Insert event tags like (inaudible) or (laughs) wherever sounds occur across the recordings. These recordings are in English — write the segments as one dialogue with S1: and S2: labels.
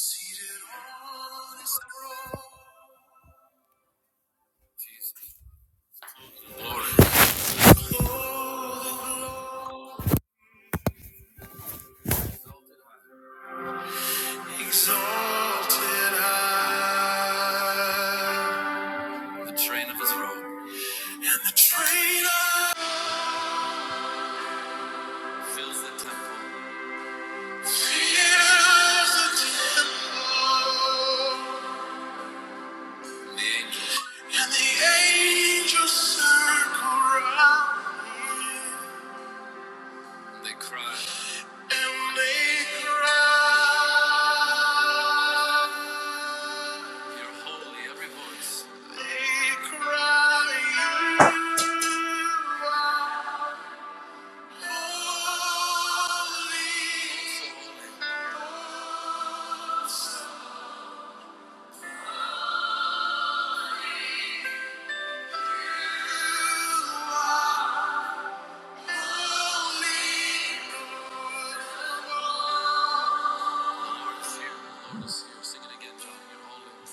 S1: Seated on his throne. Lord. Exalted high. The train of his robe. And the fills the temple. Fills the temple. And the angels. circle round. me. They cry. And they cry. You're holy, every voice. They cry. "You are holy. Lord is here. Lord is here. Sing it again, John. You're holy.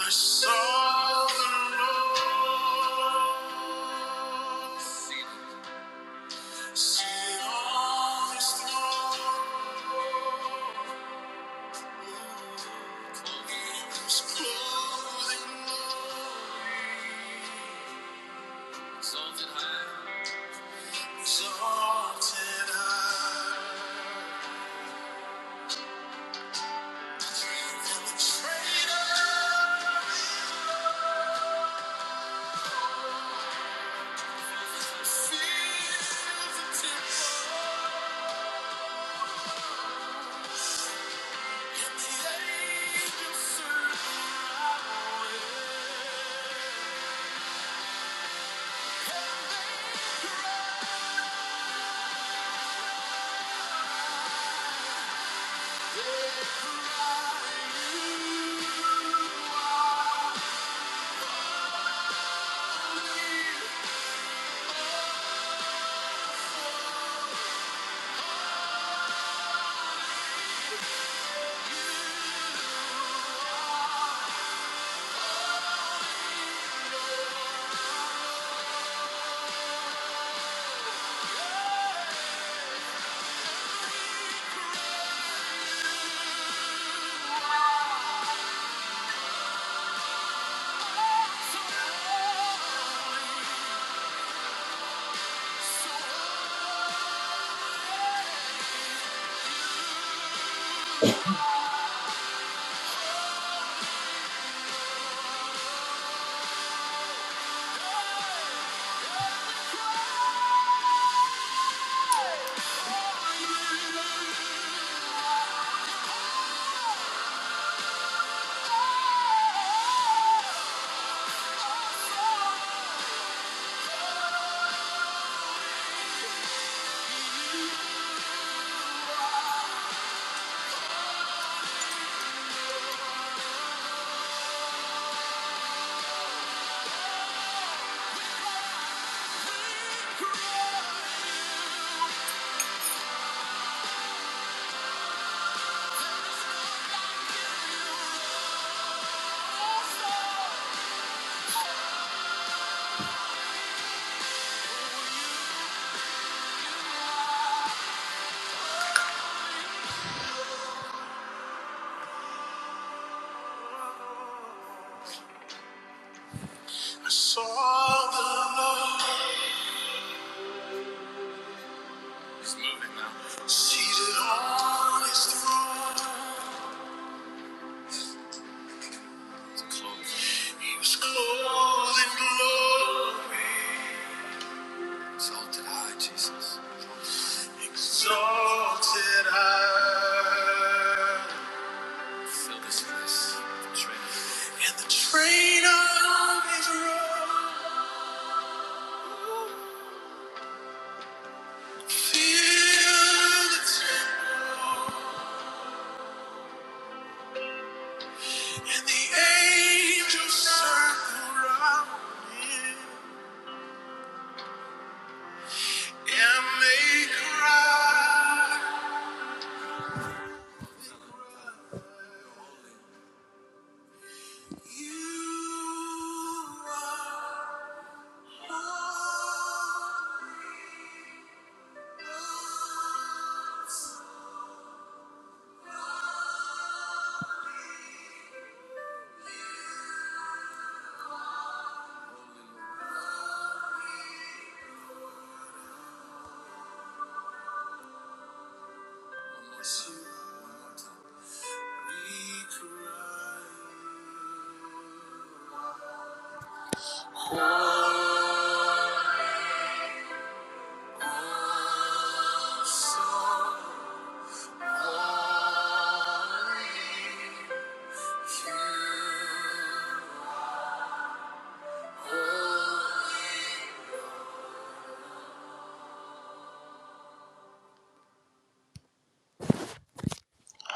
S1: I saw the Lord sitting on his throne. He was clothed in glory. exalted high. I saw the Lord. He's moving now. Seated on his throne. was clothed. Exalted high, Jesus. Exalted high. Fill this place. And the train of his robe filled the temple. And the angels circled round him and they cried. You are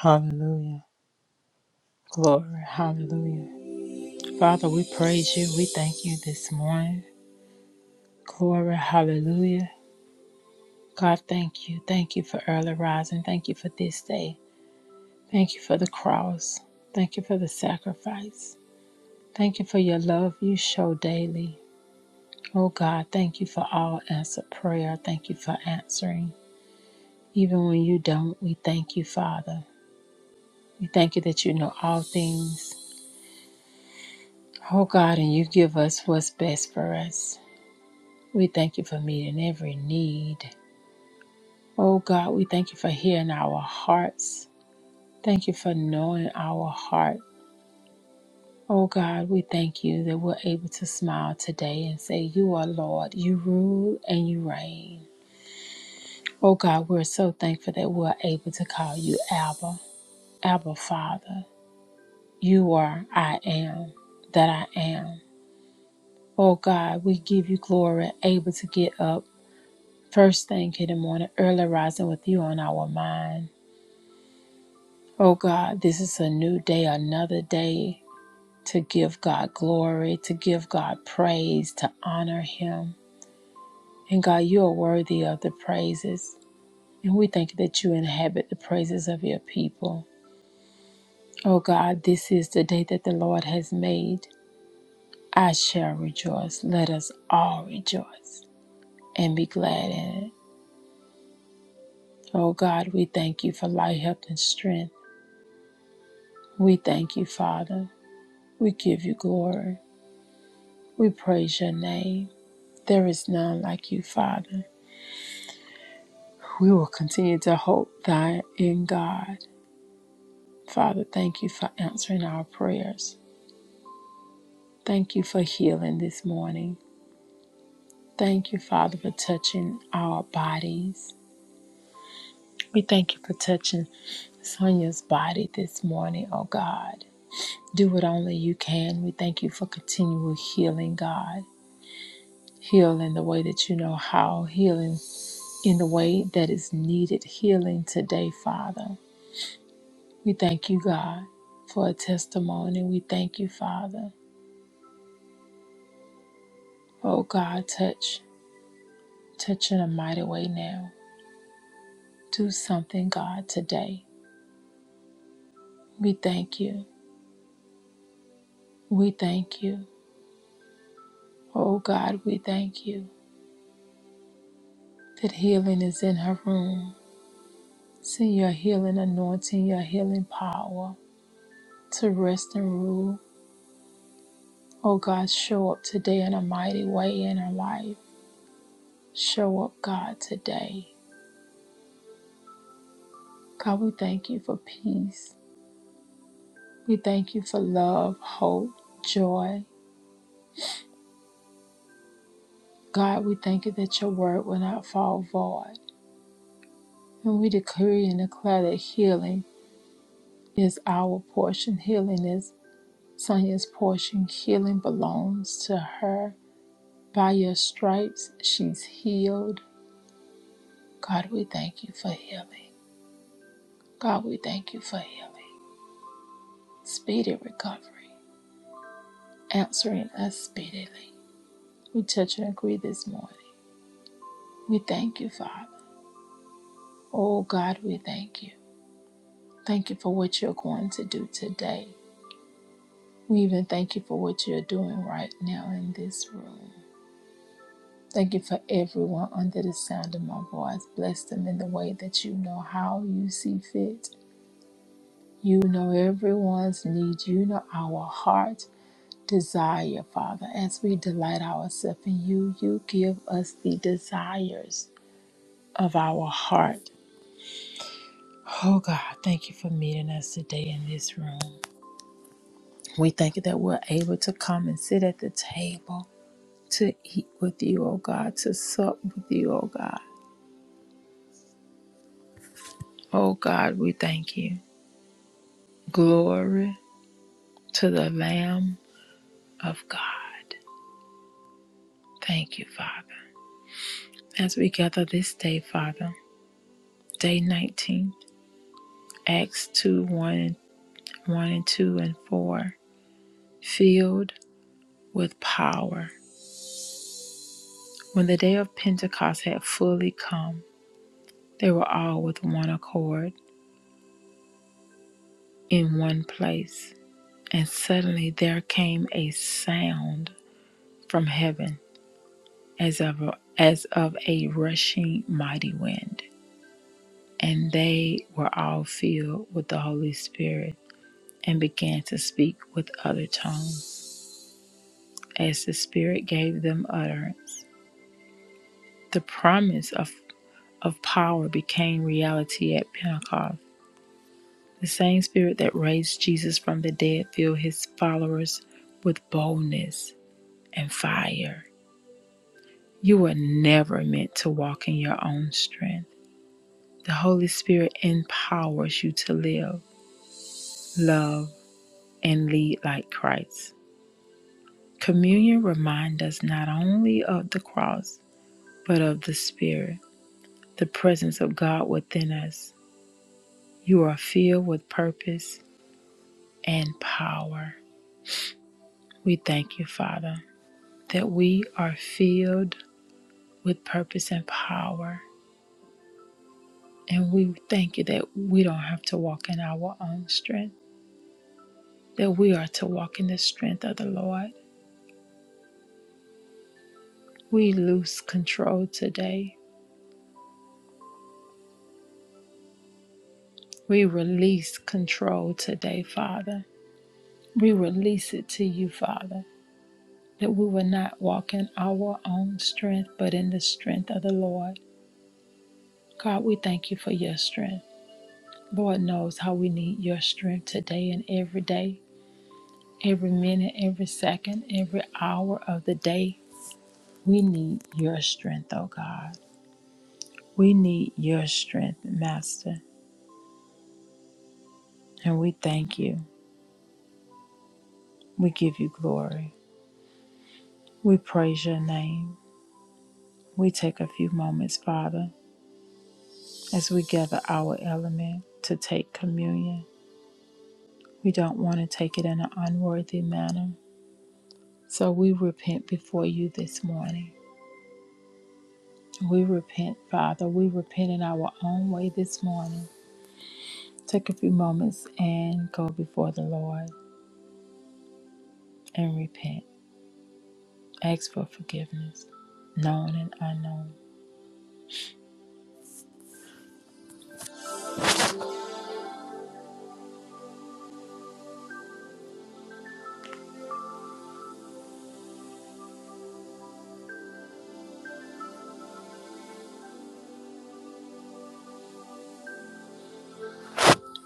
S1: Hallelujah. Glory, hallelujah. Father, we praise you. We thank you this morning. Glory, hallelujah. God, thank you. Thank you for early rising. Thank you for this day. Thank you for the cross. Thank you for the sacrifice. Thank you for your love you show daily. Oh God, thank you for all answered prayer. Thank you for answering. Even when you don't, we thank you, Father. We thank you that you know all things. Oh God, and you give us what's best for us. We thank you for meeting every need. Oh God, we thank you for hearing our hearts. Thank you for knowing our heart. Oh God, we thank you that we're able to smile today and say, You are Lord, you rule and you reign. Oh God, we're so thankful that we're able to call you Abba, Abba Father. You are I am that I am. Oh God, we give you glory, able to get up first thing in the morning, early rising with you on our mind. Oh God, this is a new day, another day to give God glory, to give God praise, to honor Him. And God, you are worthy of the praises. And we thank you that you inhabit the praises of your people. Oh God, this is the day that the Lord has made. I shall rejoice. Let us all rejoice and be glad in it. Oh God, we thank you for life, health, and strength. We thank you, Father. We give you glory. We praise your name. There is none like you, Father. We will continue to hope thy in God. Father, thank you for answering our prayers. Thank you for healing this morning. Thank you, Father, for touching our bodies. We thank you for touching Sonia's body this morning, oh God. Do what only you can. We thank you for continual healing, God. Heal in the way that you know how, healing in the way that is needed, healing today, Father. We thank you, God, for a testimony. We thank you, Father. Oh, God, touch, touch in a mighty way now. Do something, God, today. We thank you. We thank you. Oh, God, we thank you that healing is in her room. Send your healing anointing, your healing power to rest and rule. Oh, God, show up today in a mighty way in her life. Show up, God, today. God, we thank you for peace. We thank you for love, hope, joy. God, we thank you that your word will not fall void. And we decree and declare that healing is our portion. Healing is Sonya's portion. Healing belongs to her. By your stripes, she's healed. God, we thank you for healing. God, we thank you for healing. Speedy recovery, answering us speedily. We touch and agree this morning. We thank you, Father. Oh, God, we thank you. Thank you for what you're going to do today. We even thank you for what you're doing right now in this room. Thank you for everyone under the sound of my voice. Bless them in the way that you know how you see fit. You know everyone's need. You know our heart desire, Father. As we delight ourselves in you, you give us the desires of our heart. Oh God, thank you for meeting us today in this room. We thank you that we're able to come and sit at the table to eat with you, O God, to sup with you, O God. O God, we thank you. Glory to the Lamb of God. Thank you, Father. As we gather this day, Father, day 19, Acts 2 1 and, 1 and 2 and 4, filled with power. When the day of Pentecost had fully come, they were all with one accord in one place. And suddenly there came a sound from heaven as of a, as of a rushing mighty wind, and they were all filled with the Holy Spirit and began to speak with other tongues as the Spirit gave them utterance. The promise of of power became reality at Pentecost. The same Spirit that raised Jesus from the dead filled his followers with boldness and fire. You were never meant to walk in your own strength. The Holy Spirit empowers you to live love, and lead like Christ. Communion reminds us not only of the cross, but of the Spirit, the presence of God within us. You are filled with purpose and power. We thank you, Father, that we are filled with purpose and power. And we thank you that we don't have to walk in our own strength, that we are to walk in the strength of the Lord. We lose control today We release control today, Father. We release it to you, Father, that we will not walk in our own strength, but in the strength of the Lord. God, we thank you for your strength. Lord knows how we need your strength today and every day, every minute, every second, every hour of the day. We need your strength, oh God. We need your strength, Master. And we thank you. We give you glory. We praise your name. We take a few moments, Father, as we gather our element to take communion. We don't want to take it in an unworthy manner. So we repent before you this morning. We repent, Father. We repent in our own way this morning. Take a few moments and go before the Lord and repent. Ask for forgiveness, known and unknown.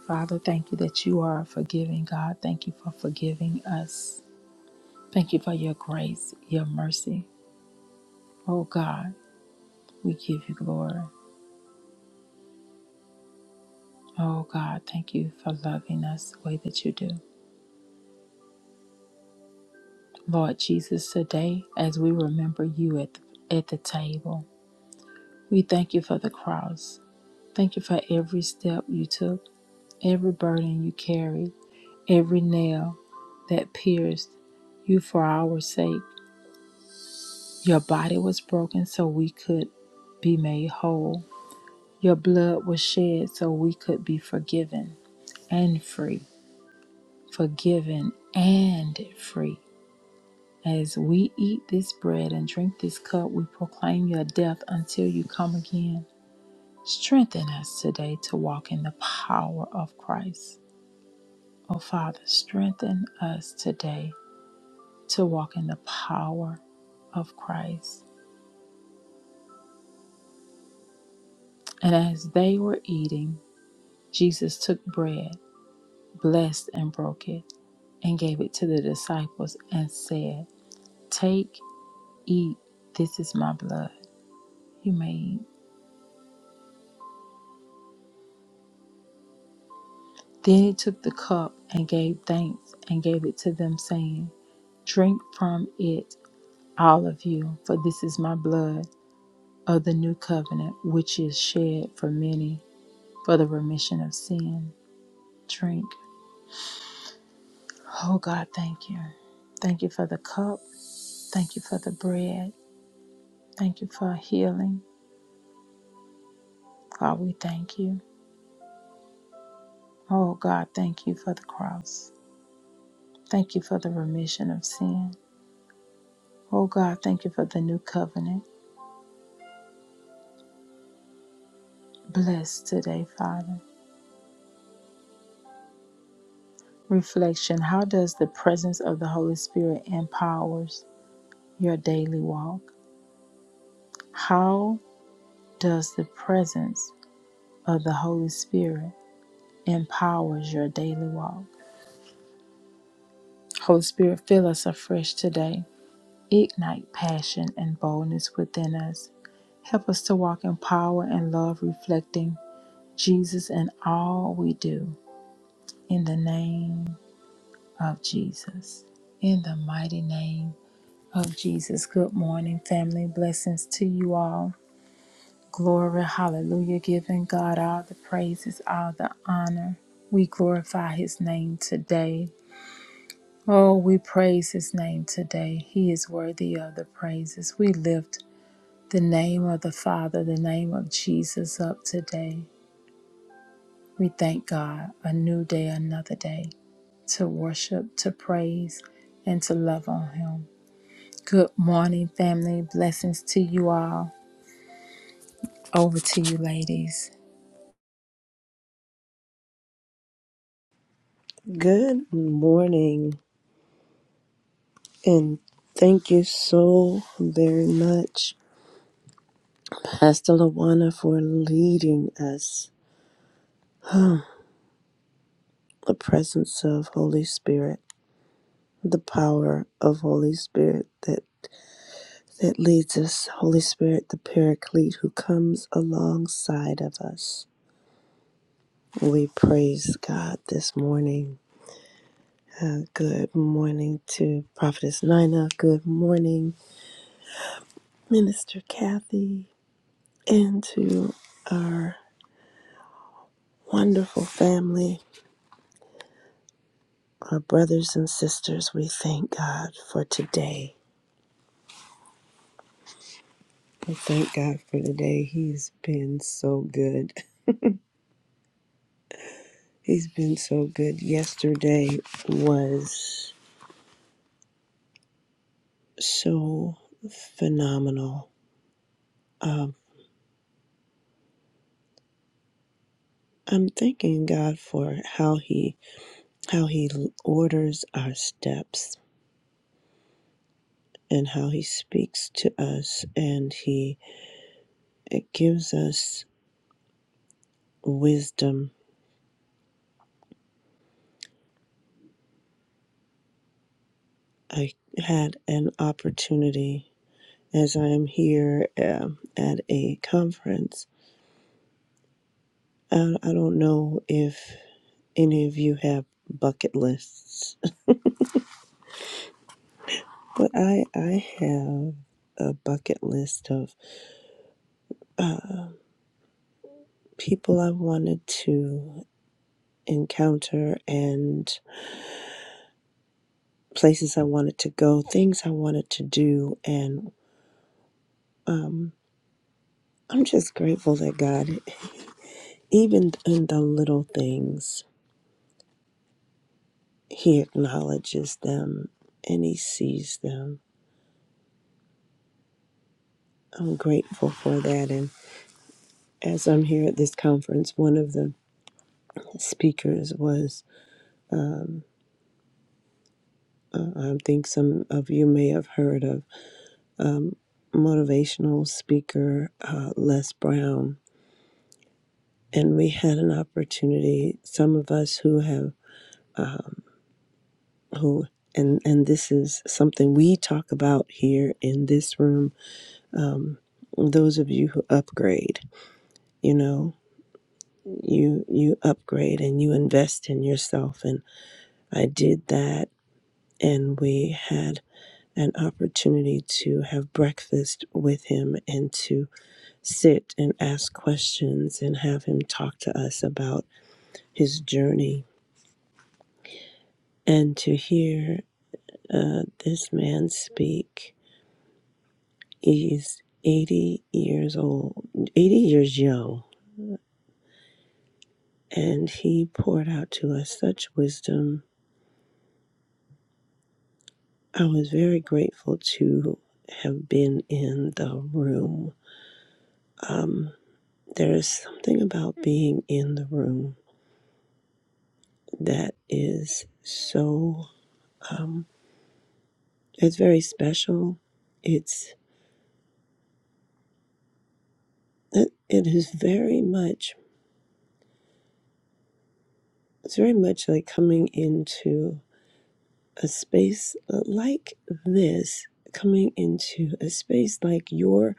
S1: Father, thank you that you are a forgiving God. Thank you for forgiving us. Thank you for your grace, your mercy. Oh God. We give you glory. Oh God, thank you for loving us the way that you do. Lord Jesus, today as we remember you at the, at the table, we thank you for the cross. Thank you for every step you took, every burden you carried, every nail that pierced you for our sake. Your body was broken so we could be made whole. Your blood was shed so we could be forgiven and free. Forgiven and free. As we eat this bread and drink this cup, we proclaim your death until you come again. Strengthen us today to walk in the power of Christ. Oh, Father, strengthen us today to walk in the power of Christ. And as they were eating, Jesus took bread, blessed and broke it, and gave it to the disciples and said, Take, eat, this is my blood. You may eat. Then he took the cup and gave thanks and gave it to them, saying, Drink from it, all of you, for this is my blood of the new covenant, which is shed for many for the remission of sin. Drink. Oh God, thank you. Thank you for the cup. Thank you for the bread. Thank you for healing. God, we thank you. Oh God, thank you for the cross. Thank you for the remission of sin. Oh God, thank you for the new covenant. Bless today, Father. Reflection How does the presence of the Holy Spirit empowers your daily walk? How does the presence of the Holy Spirit empowers your daily walk? Holy Spirit, fill us afresh today. Ignite passion and boldness within us. Help us to walk in power and love, reflecting Jesus in all we do. In the name of Jesus. In the mighty name of Jesus. Good morning, family. Blessings to you all. Glory, hallelujah. Giving God all the praises, all the honor. We glorify his name today. Oh, we praise his name today. He is worthy of the praises. We lift the name of the Father, the name of Jesus up today. We thank God a new day, another day to worship, to praise, and to love on him. Good morning, family. Blessings to you all. Over to you, ladies.
S2: Good morning, and thank you so very much, Pastor Lawana, for leading us. The presence of Holy Spirit, the power of Holy Spirit that that leads us. Holy Spirit, the Paraclete, who comes alongside of us. We praise God this morning. Uh, good morning to Prophetess Nina. Good morning, Minister Kathy, and to our Wonderful family, our brothers and sisters, we thank God for today. We thank God for today. He's been so good. He's been so good. Yesterday was so phenomenal. Um, I'm thanking God for how he how he orders our steps and how he speaks to us and he it gives us wisdom. I had an opportunity as I am here um, at a conference. I, I don't know if any of you have bucket lists, but I I have a bucket list of uh, people I wanted to encounter and places I wanted to go, things I wanted to do, and um, I'm just grateful that God, even in the little things, He acknowledges them and He sees them I'm grateful for that. And as I'm here at this conference, one of the speakers was, um, uh, I think some of you may have heard of, um, motivational speaker uh, Les Brown. And we had an opportunity, some of us who have, um, who, and, and this is something we talk about here in this room. Um, those of you who upgrade, you know, you you upgrade and you invest in yourself and. I did that, and we had an opportunity to have breakfast with him and to sit and ask questions and have him talk to us about his journey. And to hear uh, this man speak, he's 80 years old, 80 years young, and he poured out to us such wisdom. I was very grateful to have been in the room. Um, There is something about being in the room that is so, um, it's very special. It's, it, it is very much, it's very much like coming into a space like this, coming into a space like your,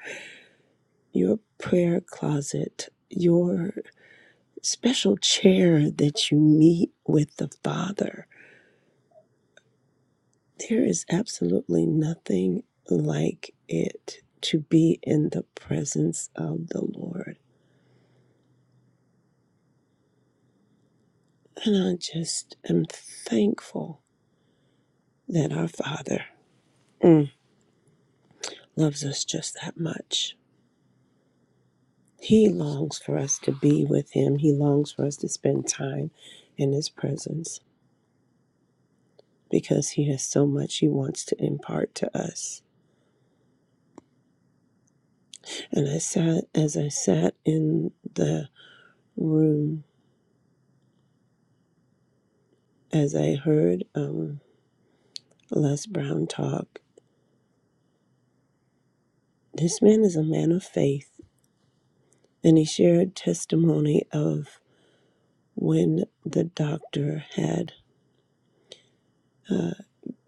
S2: your prayer closet, your special chair that you meet with the Father There is absolutely nothing like it to be in the presence of the Lord. And I just am thankful that our Father mm, loves us just that much. He longs for us to be with Him, He longs for us to spend time in His presence because He has so much He wants to impart to us. And I sat, as I sat in the room, as I heard um, Les Brown talk, This man is a man of faith, and he shared testimony of when the doctor had uh,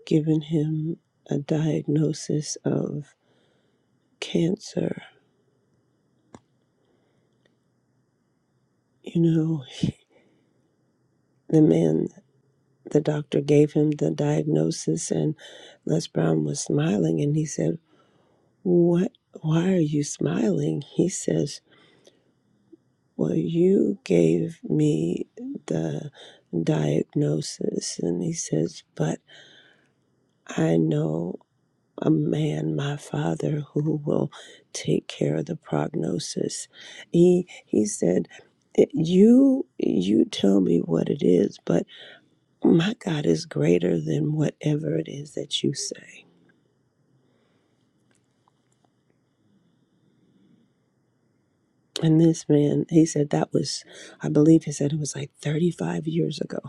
S2: given him a diagnosis of cancer. You know, the man, the doctor gave him the diagnosis, and Les Brown was smiling, and he said, "What? Why are you smiling?" He says, "Well, you gave me the diagnosis," and he says, "But." I know a man, my father, who will take care of the prognosis. He he said, "You you tell me what it is, but my God is greater than whatever it is that you say." And this man, he said that was, I believe he said it was like 35 years ago.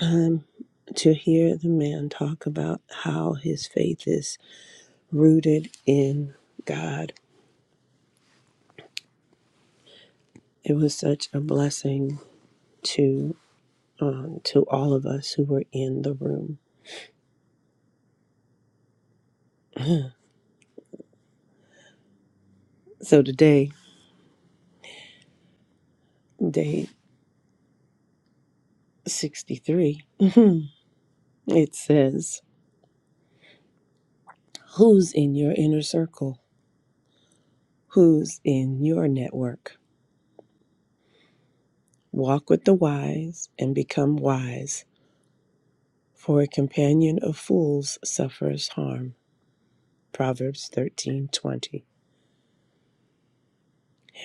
S2: Um, to hear the man talk about how his faith is rooted in God, it was such a blessing to. um, to all of us who were in the room. So today, day 63, (laughs) it says, Who's in your inner circle? Who's in your network? Walk with the wise and become wise, for a companion of fools suffers harm. Proverbs 13:20.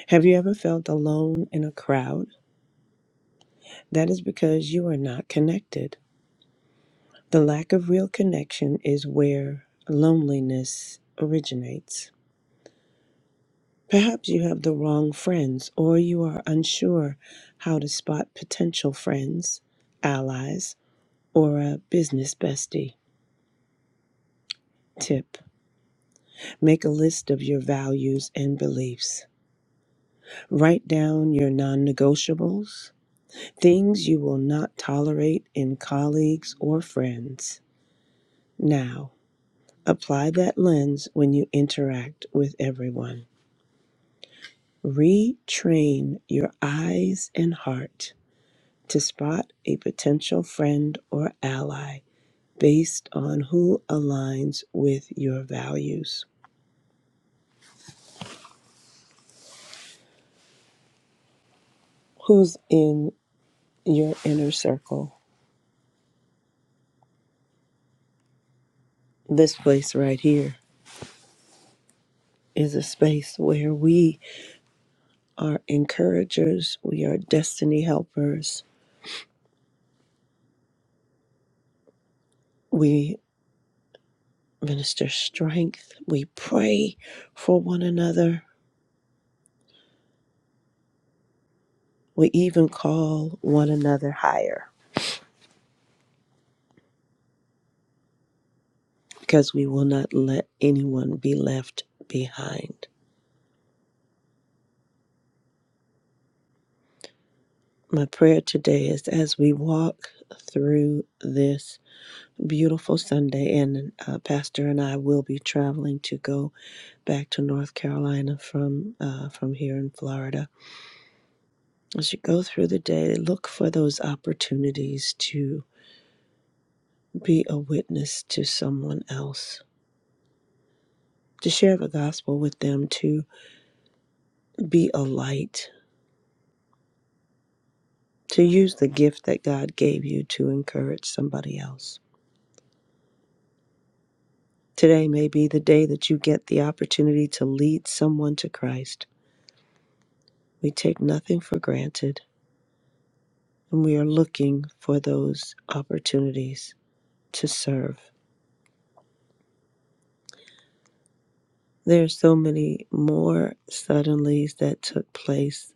S2: Have you ever felt alone in a crowd? That is because you are not connected. The lack of real connection is where loneliness originates. Perhaps you have the wrong friends, or you are unsure how to spot potential friends, allies, or a business bestie. Tip Make a list of your values and beliefs. Write down your non negotiables, things you will not tolerate in colleagues or friends. Now, apply that lens when you interact with everyone. Retrain your eyes and heart to spot a potential friend or ally based on who aligns with your values, who's in your inner circle. This place right here is a space where we are encouragers, we are destiny helpers, we minister strength, we pray for one another, we even call one another higher because we will not let anyone be left behind. My prayer today is as we walk through this beautiful Sunday, and uh, Pastor and I will be traveling to go back to North Carolina from uh, from here in Florida. As you go through the day, look for those opportunities to be a witness to someone else, to share the gospel with them, to be a light, to use the gift that God gave you to encourage somebody else. Today may be the day that you get the opportunity to lead someone to Christ. We take nothing for granted, and we are looking for those opportunities to serve. There are so many more suddenlies that took place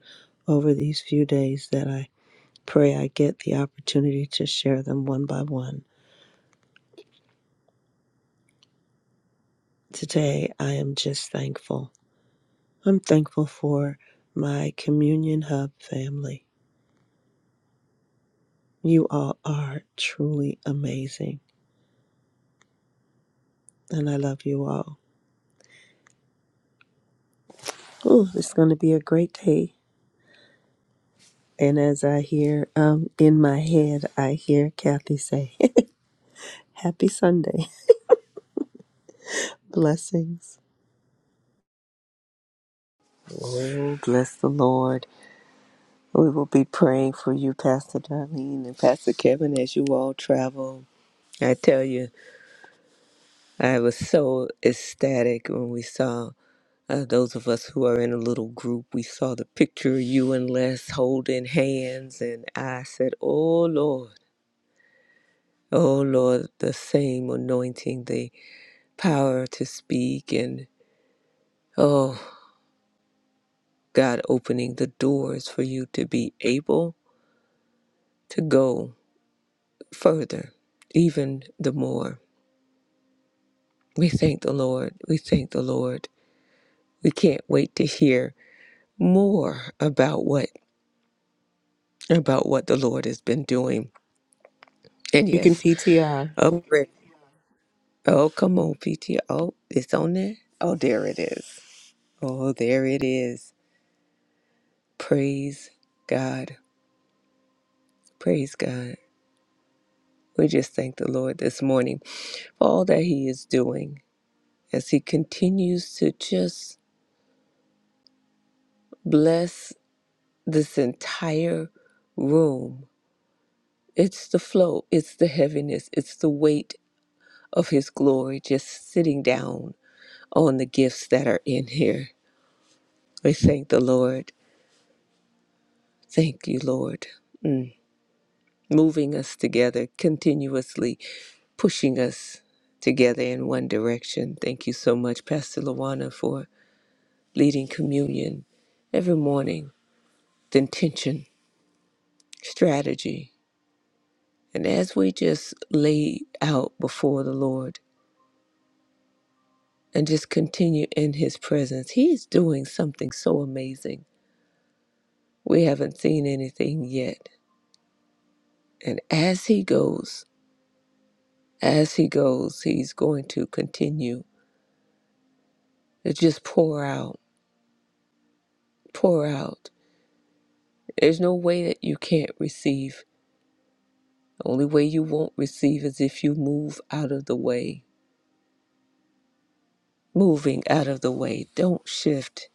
S2: over these few days that I pray I get the opportunity to share them one by one. Today, I am just thankful. I'm thankful for my Communion Hub family. You all are truly amazing. and I love you all. Ooh, it's going to be a great day. And as I hear um, in my head, I hear Kathy say, (laughs) Happy Sunday. (laughs) Blessings.
S3: Oh, bless the Lord. We will be praying for you, Pastor Darlene and Pastor Kevin, as you all travel. I tell you, I was so ecstatic when we saw uh, those of us who are in a little group. We saw the picture of you and Les holding hands, and I said, Oh, Lord. Oh Lord, the same anointing, the power to speak, and oh God, opening the doors for you to be able to go. further, even the more. We thank the Lord. We thank the Lord. We can't wait to hear more about what about what the Lord has been doing. And
S2: You can
S3: yes,
S2: PTR.
S3: up Oh, come on, PT. Oh, it's on there. Oh, there it is. Oh, there it is. Praise God. Praise God. We just thank the Lord this morning for all that He is doing as He continues to just bless this entire room. It's the flow, it's the heaviness, it's the weight of His glory just sitting down on the gifts that are in here. We thank the Lord. Thank you, Lord. Mm. Moving us together, continuously pushing us together in one direction. Thank you so much, Pastor Lawana, for leading communion every morning, the intention, strategy. And as we just lay out before the Lord, and just continue in his presence. He's doing something so amazing. We haven't seen anything yet. And as he goes, as he goes, he's going to continue to just pour out, pour out. There's no way that you can't receive. The only way you won't receive is if you move out of the way. Moving out of the way. Don't shift.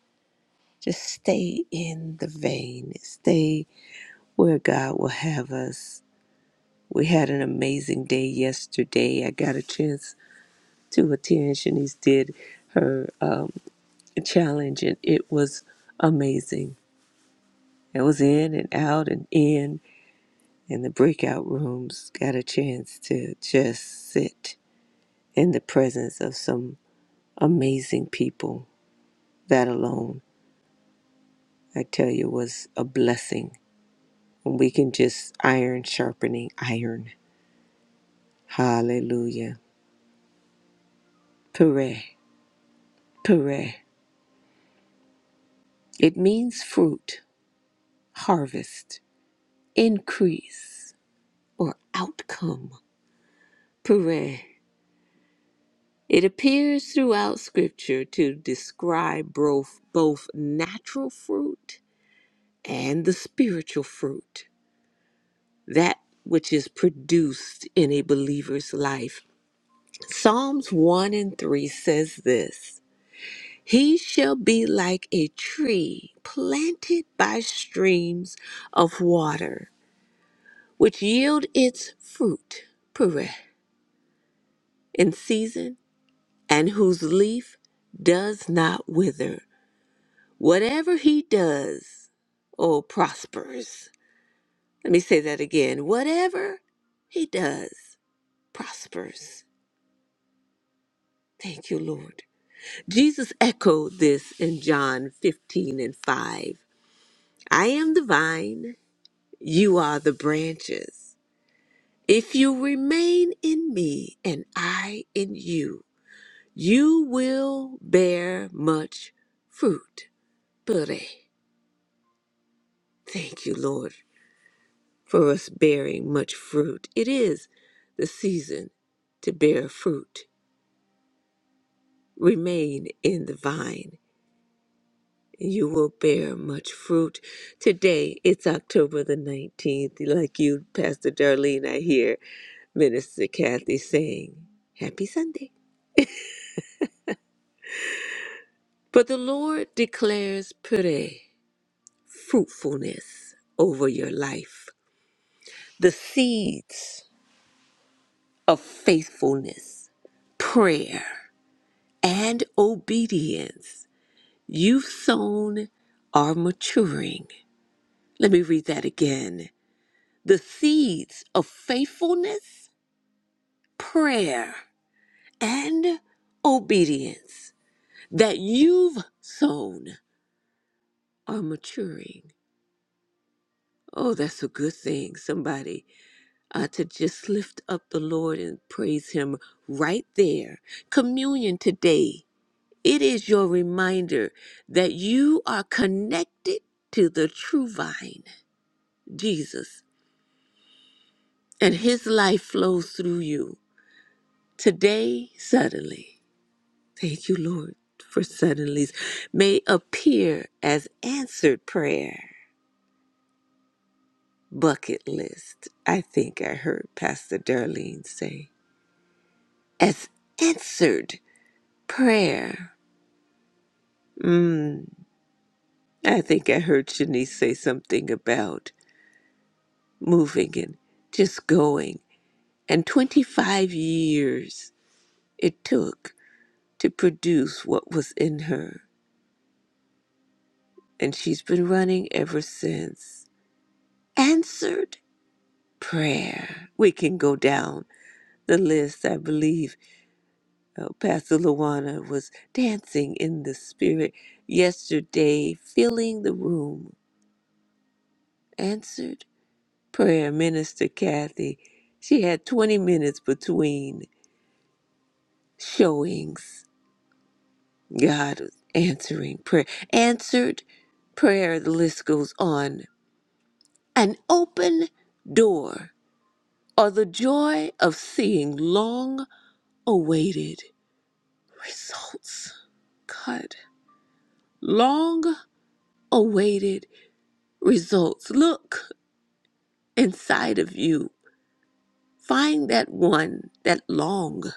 S3: Just stay in the vein. Stay where God will have us We had an amazing day yesterday. I got a chance to attend. Shanice did her um, challenge, and it was amazing. It was in and out and in, and the breakout rooms got a chance to just sit in the presence of some amazing people. That alone, I tell you, was a blessing. When we can just iron sharpening iron. Hallelujah. Pere, pere. It means fruit harvest, increase, or outcome. Puree. It appears throughout Scripture to describe both, both natural fruit and the spiritual fruit, that which is produced in a believer's life. Psalms 1 and 3 says this He shall be like a tree planted by streams of water, which yield its fruit. Puree in season and whose leaf does not wither. Whatever he does, oh, prospers. Let me say that again. Whatever he does, prospers. Thank you, Lord. Jesus echoed this in John 15 and 5. I am the vine, you are the branches. If you remain in me and I in you, you will bear much fruit. Buddy, thank you, Lord, for us bearing much fruit. It is the season to bear fruit. Remain in the vine, and you will bear much fruit. Today, it's October the 19th. Like you, Pastor Darlene, I hear Minister Kathy saying, Happy Sunday. But the Lord declares Père, fruitfulness over your life. The seeds. of faithfulness, prayer, and obedience you've sown are maturing. Let me read that again. The seeds of faithfulness, prayer, and obedience that you've sown are maturing. Oh, that's a good thing, somebody, uh, to just lift up the Lord and praise Him right there. Communion today It is your reminder that you are connected to the true vine, Jesus, and his life flows through you. Today, suddenly, thank you, Lord, for suddenlies, may appear as answered prayer. Bucket list, I think I heard Pastor Darlene say, as answered prayer. Mm, I think I heard Shanice say something about moving and just going. And 25 years it took to produce what was in her. And she's been running ever since. Answered prayer. We can go down the list. I believe uh, Pastor Luana was dancing in the spirit yesterday, filling the room. Answered prayer. Minister Kathy, she had 20 minutes between showings God is answering prayer, answered prayer. The list goes on. An open door, or the joy of seeing long-awaited results. God, long-awaited results. Look inside of you. Find that one, that long-awaited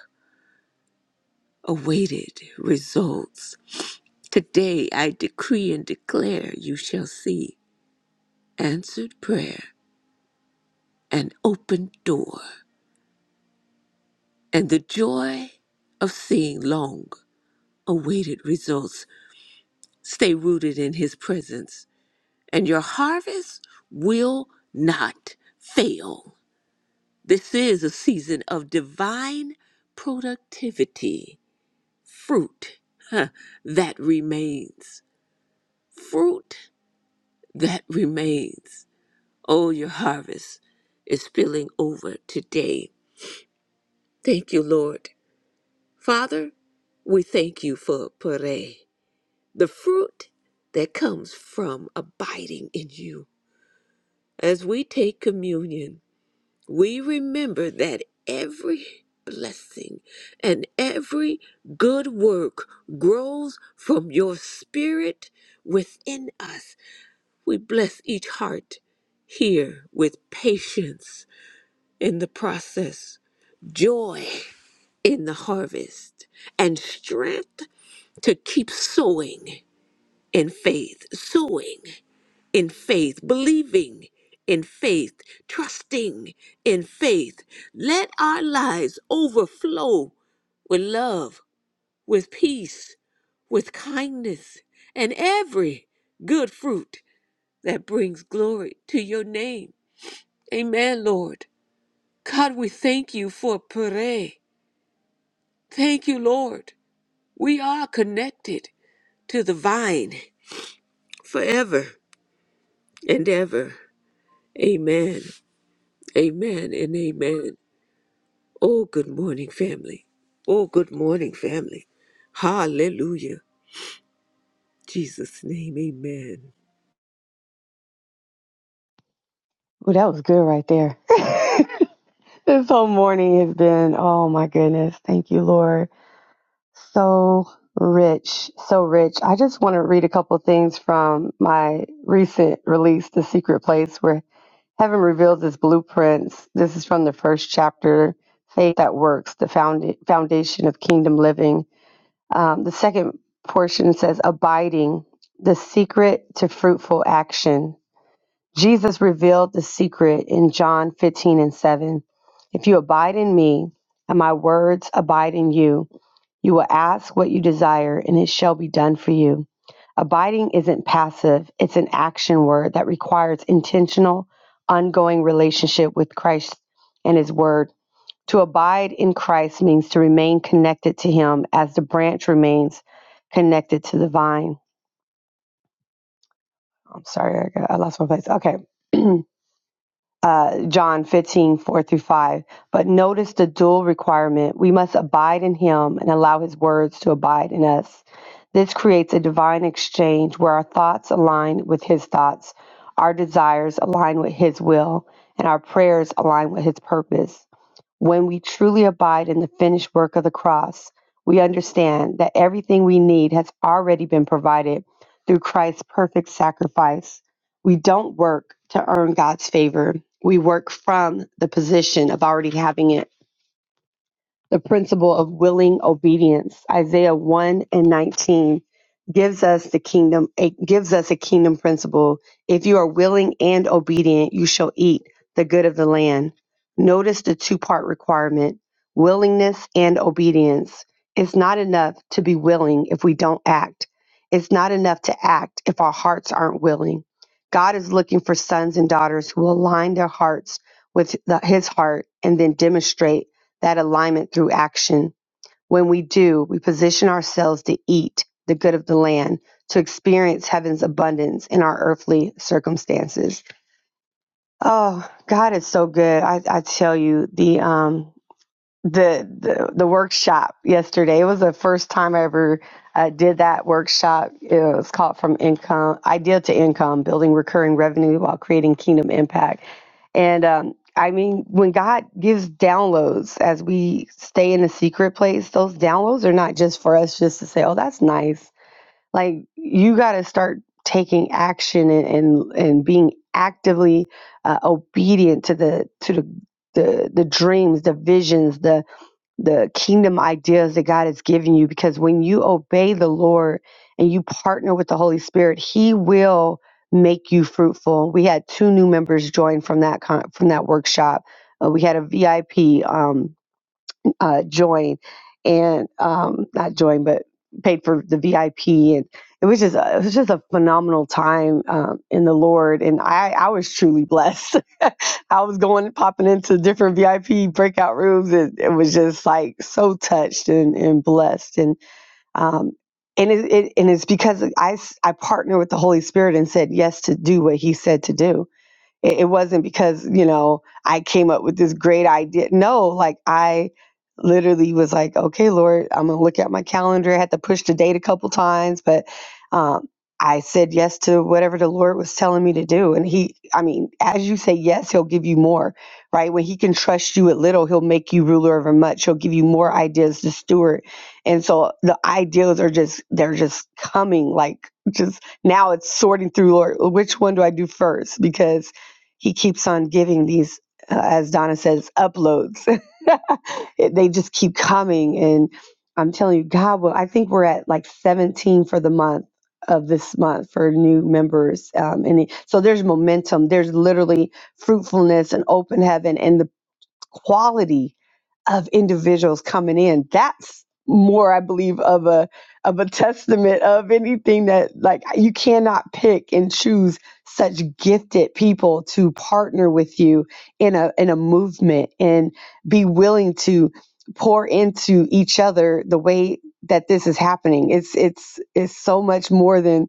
S3: results. Today I decree and declare you shall see answered prayer an open door and the joy of seeing long awaited results. Stay rooted in His presence, and your harvest will not fail. This is a season of divine productivity, fruit huh, that remains. Fruit that remains. Oh, your harvest is spilling over today. Thank you, Lord. Father, we thank you for pere, the fruit that comes from abiding in you. As we take communion, we remember that every blessing and every good work grows from your spirit within us. We bless each heart here with patience in the process, joy in the harvest and strength to keep sowing in faith, sowing in faith, believing in faith, trusting in faith. Let our lives overflow with love, with peace, with kindness, and every good fruit that brings glory to your name. Amen, Lord. God, we thank you for Pere. Thank you, Lord. We are connected to the vine forever and ever. Amen. Amen and amen. Oh, good morning, family. Oh, good morning, family. Hallelujah. Jesus' name, amen.
S4: Well, that was good right there. (laughs) this whole morning has been, oh my goodness. Thank you, Lord. So rich, so rich. I just want to read a couple things from my recent release, The Secret Place, where heaven reveals its blueprints. This is from the first chapter, Faith That Works, the found- foundation of kingdom living. Um, the second portion says, Abiding, the secret to fruitful action Jesus revealed the secret in John 15 and 7. If you abide in me and my words abide in you, you will ask what you desire and it shall be done for you. Abiding isn't passive, it's an action word that requires intentional, ongoing relationship with Christ and his word. To abide in Christ means to remain connected to him as the branch remains connected to the vine. I'm sorry, I, got- I lost my place. Okay. (clears throat) uh, John 154 through 5. But notice the dual requirement. We must abide in him and allow his words to abide in us. This creates a divine exchange where our thoughts align with his thoughts, our desires align with his will, and our prayers align with his purpose. When we truly abide in the finished work of the cross, we understand that everything we need has already been provided through Christ's perfect sacrifice. We don't work to earn God's favor. We work from the position of already having it the principle of willing obedience, Isaiah 1 and 19, gives us the kingdom, it gives us a kingdom principle. If you are willing and obedient, you shall eat the good of the land. Notice the two part requirement willingness and obedience. It's not enough to be willing if we don't act. It's not enough to act if our hearts aren't willing. God is looking for sons and daughters who align their hearts with the, his heart and then demonstrate that alignment through action. When we do, we position ourselves to eat the good of the land, to experience heaven's abundance in our earthly circumstances. Oh, God is so good. I, I tell you, the um the the, the workshop yesterday. It was the first time I ever uh, did that workshop. It was called "From Income Idea to Income: Building Recurring Revenue While Creating Kingdom Impact." And um, I mean, when God gives downloads, as we stay in the secret place, those downloads are not just for us just to say, "Oh, that's nice." Like you got to start taking action and and, and being actively uh, obedient to the to the the, the dreams the visions the the kingdom ideas that God has given you because when you obey the Lord and you partner with the Holy Spirit, he will make you fruitful. We had two new members join from that con- from that workshop. Uh, we had a VIP um, uh, join and um, not join but paid for the VIP and it was just a, it was just a phenomenal time um, in the Lord and I I was truly blessed. (laughs) I was going popping into different VIP breakout rooms and it was just like so touched and, and blessed and um and it, it and it's because I I partner with the Holy Spirit and said yes to do what he said to do it, it wasn't because, you know, I came up with this great idea. No, like I literally was like, okay, Lord, I'm going to look at my calendar. I had to push the date a couple times, but um, I said yes to whatever the Lord was telling me to do. And He, I mean, as you say yes, He'll give you more, right? When He can trust you at little, He'll make you ruler over much. He'll give you more ideas to steward. And so the ideas are just, they're just coming like just now it's sorting through, Lord, which one do I do first? Because he keeps on giving these uh, as donna says uploads (laughs) It- they just keep coming and i'm telling you god will i think we're at like 17 for the month of this month for new members um, and it- so there's momentum there's literally fruitfulness and open heaven and the quality of individuals coming in that's more i believe of a of a testament of anything that like you cannot pick and choose such gifted people to partner with you in a in a movement and be willing to pour into each other the way that this is happening it's it's it's so much more than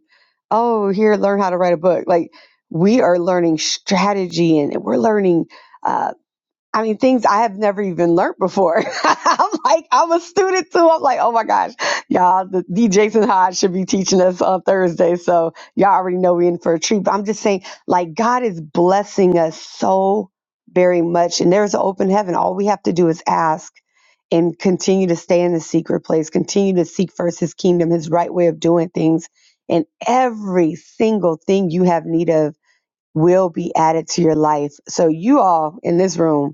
S4: oh here learn how to write a book like we are learning strategy and we're learning uh, I mean, things I have never even learned before. (laughs) I'm like, I'm a student too. I'm like, oh my gosh, y'all, the D. Jason Hodge should be teaching us on Thursday. So y'all already know we're in for a treat. But I'm just saying, like, God is blessing us so very much. And there's an open heaven. All we have to do is ask and continue to stay in the secret place, continue to seek first his kingdom, his right way of doing things. And every single thing you have need of will be added to your life. So you all in this room,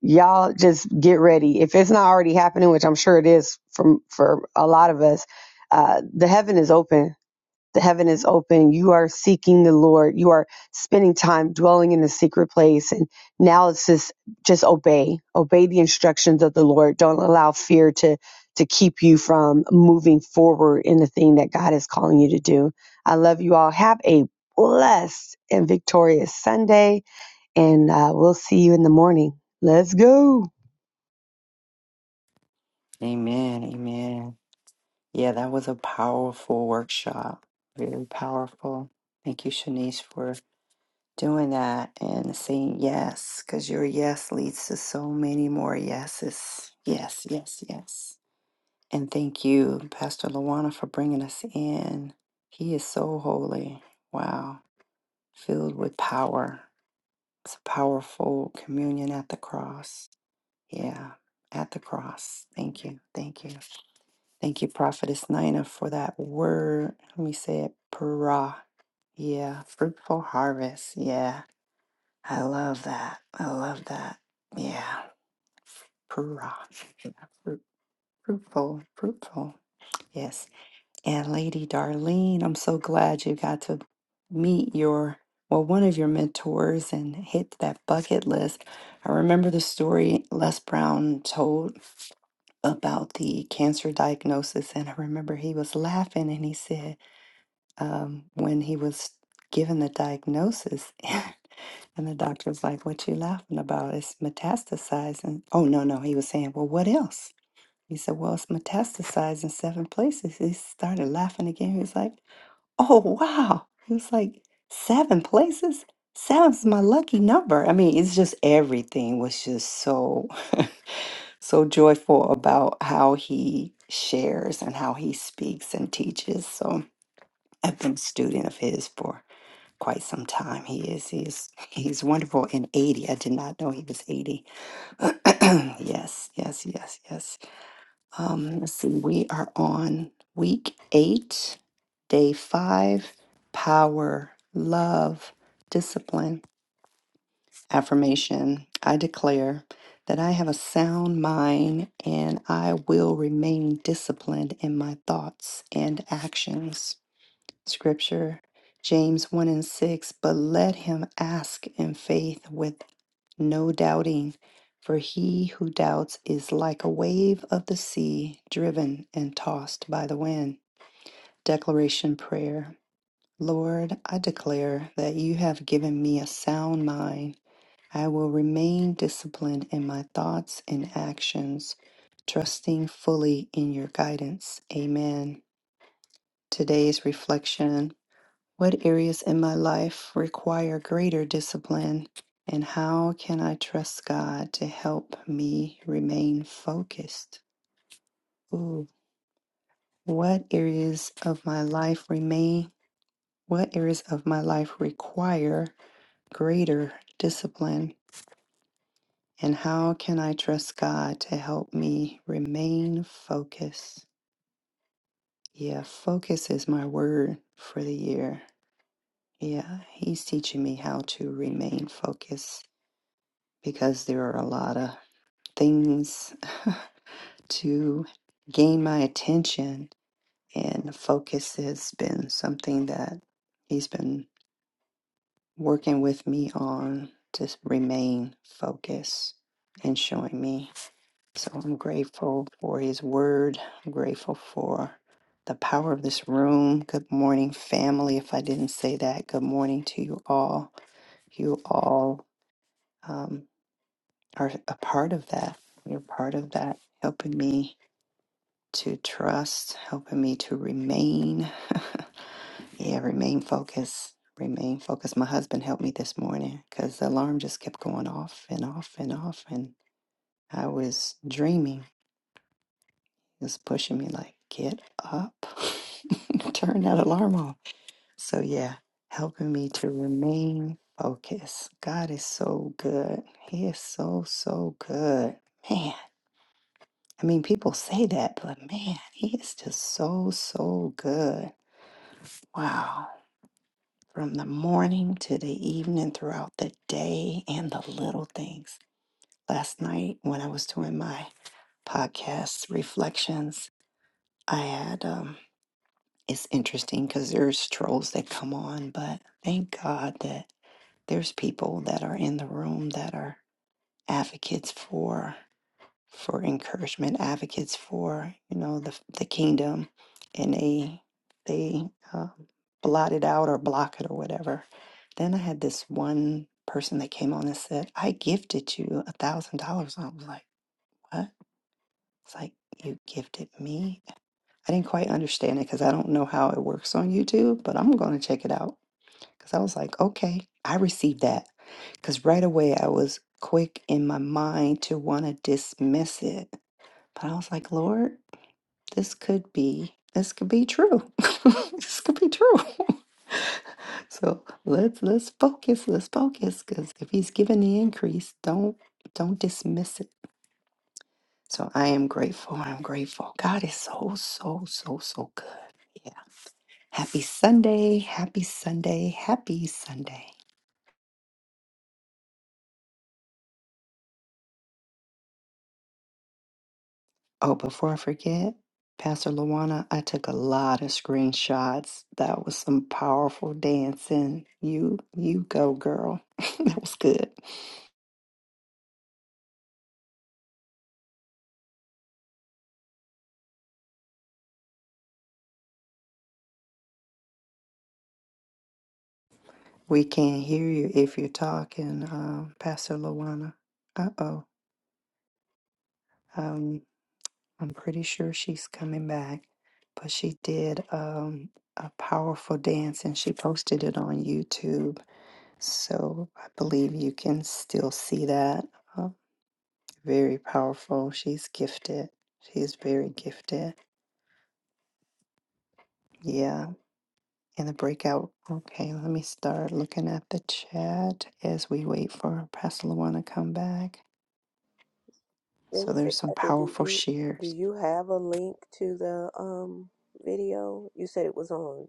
S4: y'all just get ready. If it's not already happening, which I'm sure it is from for a lot of us, uh, the heaven is open. The heaven is open. You are seeking the Lord. You are spending time dwelling in the secret place. And now it's just just obey. Obey the instructions of the Lord. Don't allow fear to to keep you from moving forward in the thing that God is calling you to do. I love you all. Have a blessed and victorious Sunday. And uh, we'll see you in the morning. Let's go.
S5: Amen. Amen. Yeah, that was a powerful workshop. Very powerful. Thank you, Shanice, for doing that and saying yes, because your yes leads to so many more yeses. Yes, yes, yes. And thank you, Pastor Lawana, for bringing us in. He is so holy. Wow. Filled with power. It's a powerful communion at the cross. Yeah, at the cross. Thank you. Thank you. Thank you, Prophetess Nina, for that word. Let me say it, para. Yeah, fruitful harvest. Yeah, I love that. I love that. Yeah, para. Yeah, Fruit, fruitful, fruitful. Yes. And Lady Darlene, I'm so glad you got to meet your, well, one of your mentors and hit that bucket list. I remember the story Les Brown told about the cancer diagnosis, and I remember he was laughing and he said, um, when he was given the diagnosis, (laughs) and the doctor was like, What you laughing about? It's metastasizing. Oh, no, no. He was saying, Well, what else? He said, Well, it's metastasized in seven places. He started laughing again. He was like, Oh, wow. He was like, Seven places? Seven's my lucky number. I mean, it's just everything was just so, so joyful about how he shares and how he speaks and teaches. So I've been a student of his for quite some time. He is, he's, he's wonderful in 80. I did not know he was 80. (clears throat) yes, yes, yes, yes. Um, let's see, we are on week eight, day five power, love, discipline, affirmation. I declare that I have a sound mind and I will remain disciplined in my thoughts and actions. Scripture, James 1 and 6, but let him ask in faith with no doubting, for he who doubts is like a wave of the sea driven and tossed by the wind. Declaration Prayer Lord, I declare that you have given me a sound mind. I will remain disciplined in my thoughts and actions, trusting fully in your guidance. Amen. Today's reflection what areas in my life require greater discipline? And how can I trust God to help me remain focused? Ooh, what areas of my life remain? What areas of my life require greater discipline? And how can I trust God to help me remain focused? Yeah, focus is my word for the year. Yeah, He's teaching me how to remain focused because there are a lot of things (laughs) to gain my attention. And focus has been something that he's been working with me on to remain focused and showing me. So I'm grateful for his word. I'm grateful for the power of this room. Good morning, family. If I didn't say that, good morning to you all. You all. um, are a part of that. You're part of that, helping me to trust, helping me to remain. Yeah, remain focused. Remain focused. My husband helped me this morning because the alarm just kept going off and off and off. And I was dreaming. He was pushing me, like, get up, (laughs) turn that alarm off. So, yeah, helping me to remain focused. God is so good. He is so, so good. Man. I mean, people say that, but man, he is just so, so good. Wow. From the morning to the evening, throughout the day, and the little things. Last night, when I was doing my podcast reflections, I had, um, it's interesting because there's trolls that come on, but thank God that there's people that are in the room that are advocates for. for encouragement advocates for you know the the kingdom, and they they uh, blot it out or block it or whatever. Then I had this one person that came on and said, "I gifted you a thousand dollars." I was like, "What?" It's like you gifted me. I didn't quite understand it because I don't know how it works on YouTube, but I'm going to check it out because I was like, "Okay, I received that." Because right away I was quick in my mind to want to dismiss it but I was like, Lord, this could be this could be true. (laughs) this could be true. (laughs) so let's let's focus, let's focus, because if he's giving the increase, don't don't dismiss it. So I am grateful. I'm grateful. God is so, so, so, so good. Yeah. Happy Sunday. Happy Sunday. Happy Sunday. Oh, before I forget, Pastor Luana, I took a lot of screenshots. That was some powerful dancing. You, you go, girl. (laughs) that was good. We can't hear you if you're talking, um, Pastor Luana. Uh oh. Um, I'm pretty sure she's coming back, but she did um a powerful dance and she posted it on YouTube. So I believe you can still see that. Uh, very powerful. She's gifted. She's very gifted. Yeah. In the breakout. Okay, let me start looking at the chat as we wait for Pastor Luana to come back. So
S3: Minister
S5: there's some
S3: Kathy, do
S5: powerful
S3: you do
S5: shares
S3: you have a link to the um video? You said it was on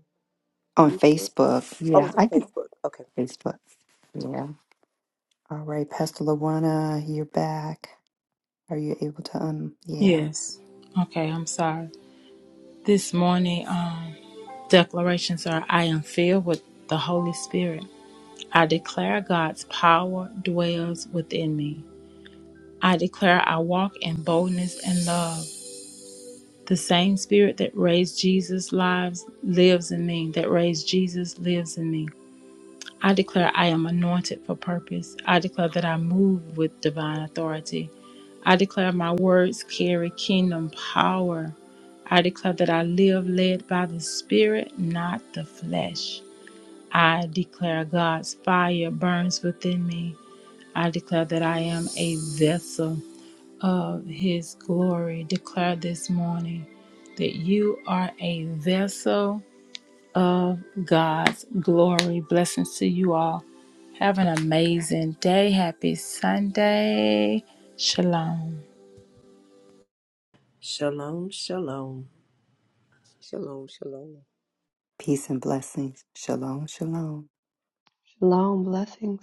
S5: on
S3: YouTube.
S5: Facebook.
S3: Oh,
S5: Yeah,
S3: it's on
S5: I can
S3: Facebook. Okay.
S5: Facebook. Yeah. All right, Pastor Luana, you're back. Are you able to um yeah.
S1: Yes. Okay, I'm sorry. This morning, um, declarations are I am filled with the Holy Spirit. I declare God's power dwells within me. I declare I walk in boldness and love. The same spirit that raised Jesus' lives lives in me, that raised Jesus lives in me. I declare I am anointed for purpose. I declare that I move with divine authority. I declare my words carry kingdom power. I declare that I live led by the Spirit, not the flesh. I declare God's fire burns within me. I declare that I am a vessel of His glory. Declare this morning that you are a vessel of God's glory. Blessings to you all. Have an amazing day. Happy Sunday. Shalom.
S2: Shalom, shalom.
S3: Shalom, shalom.
S5: Peace and blessings. Shalom, shalom.
S4: Shalom. Blessings.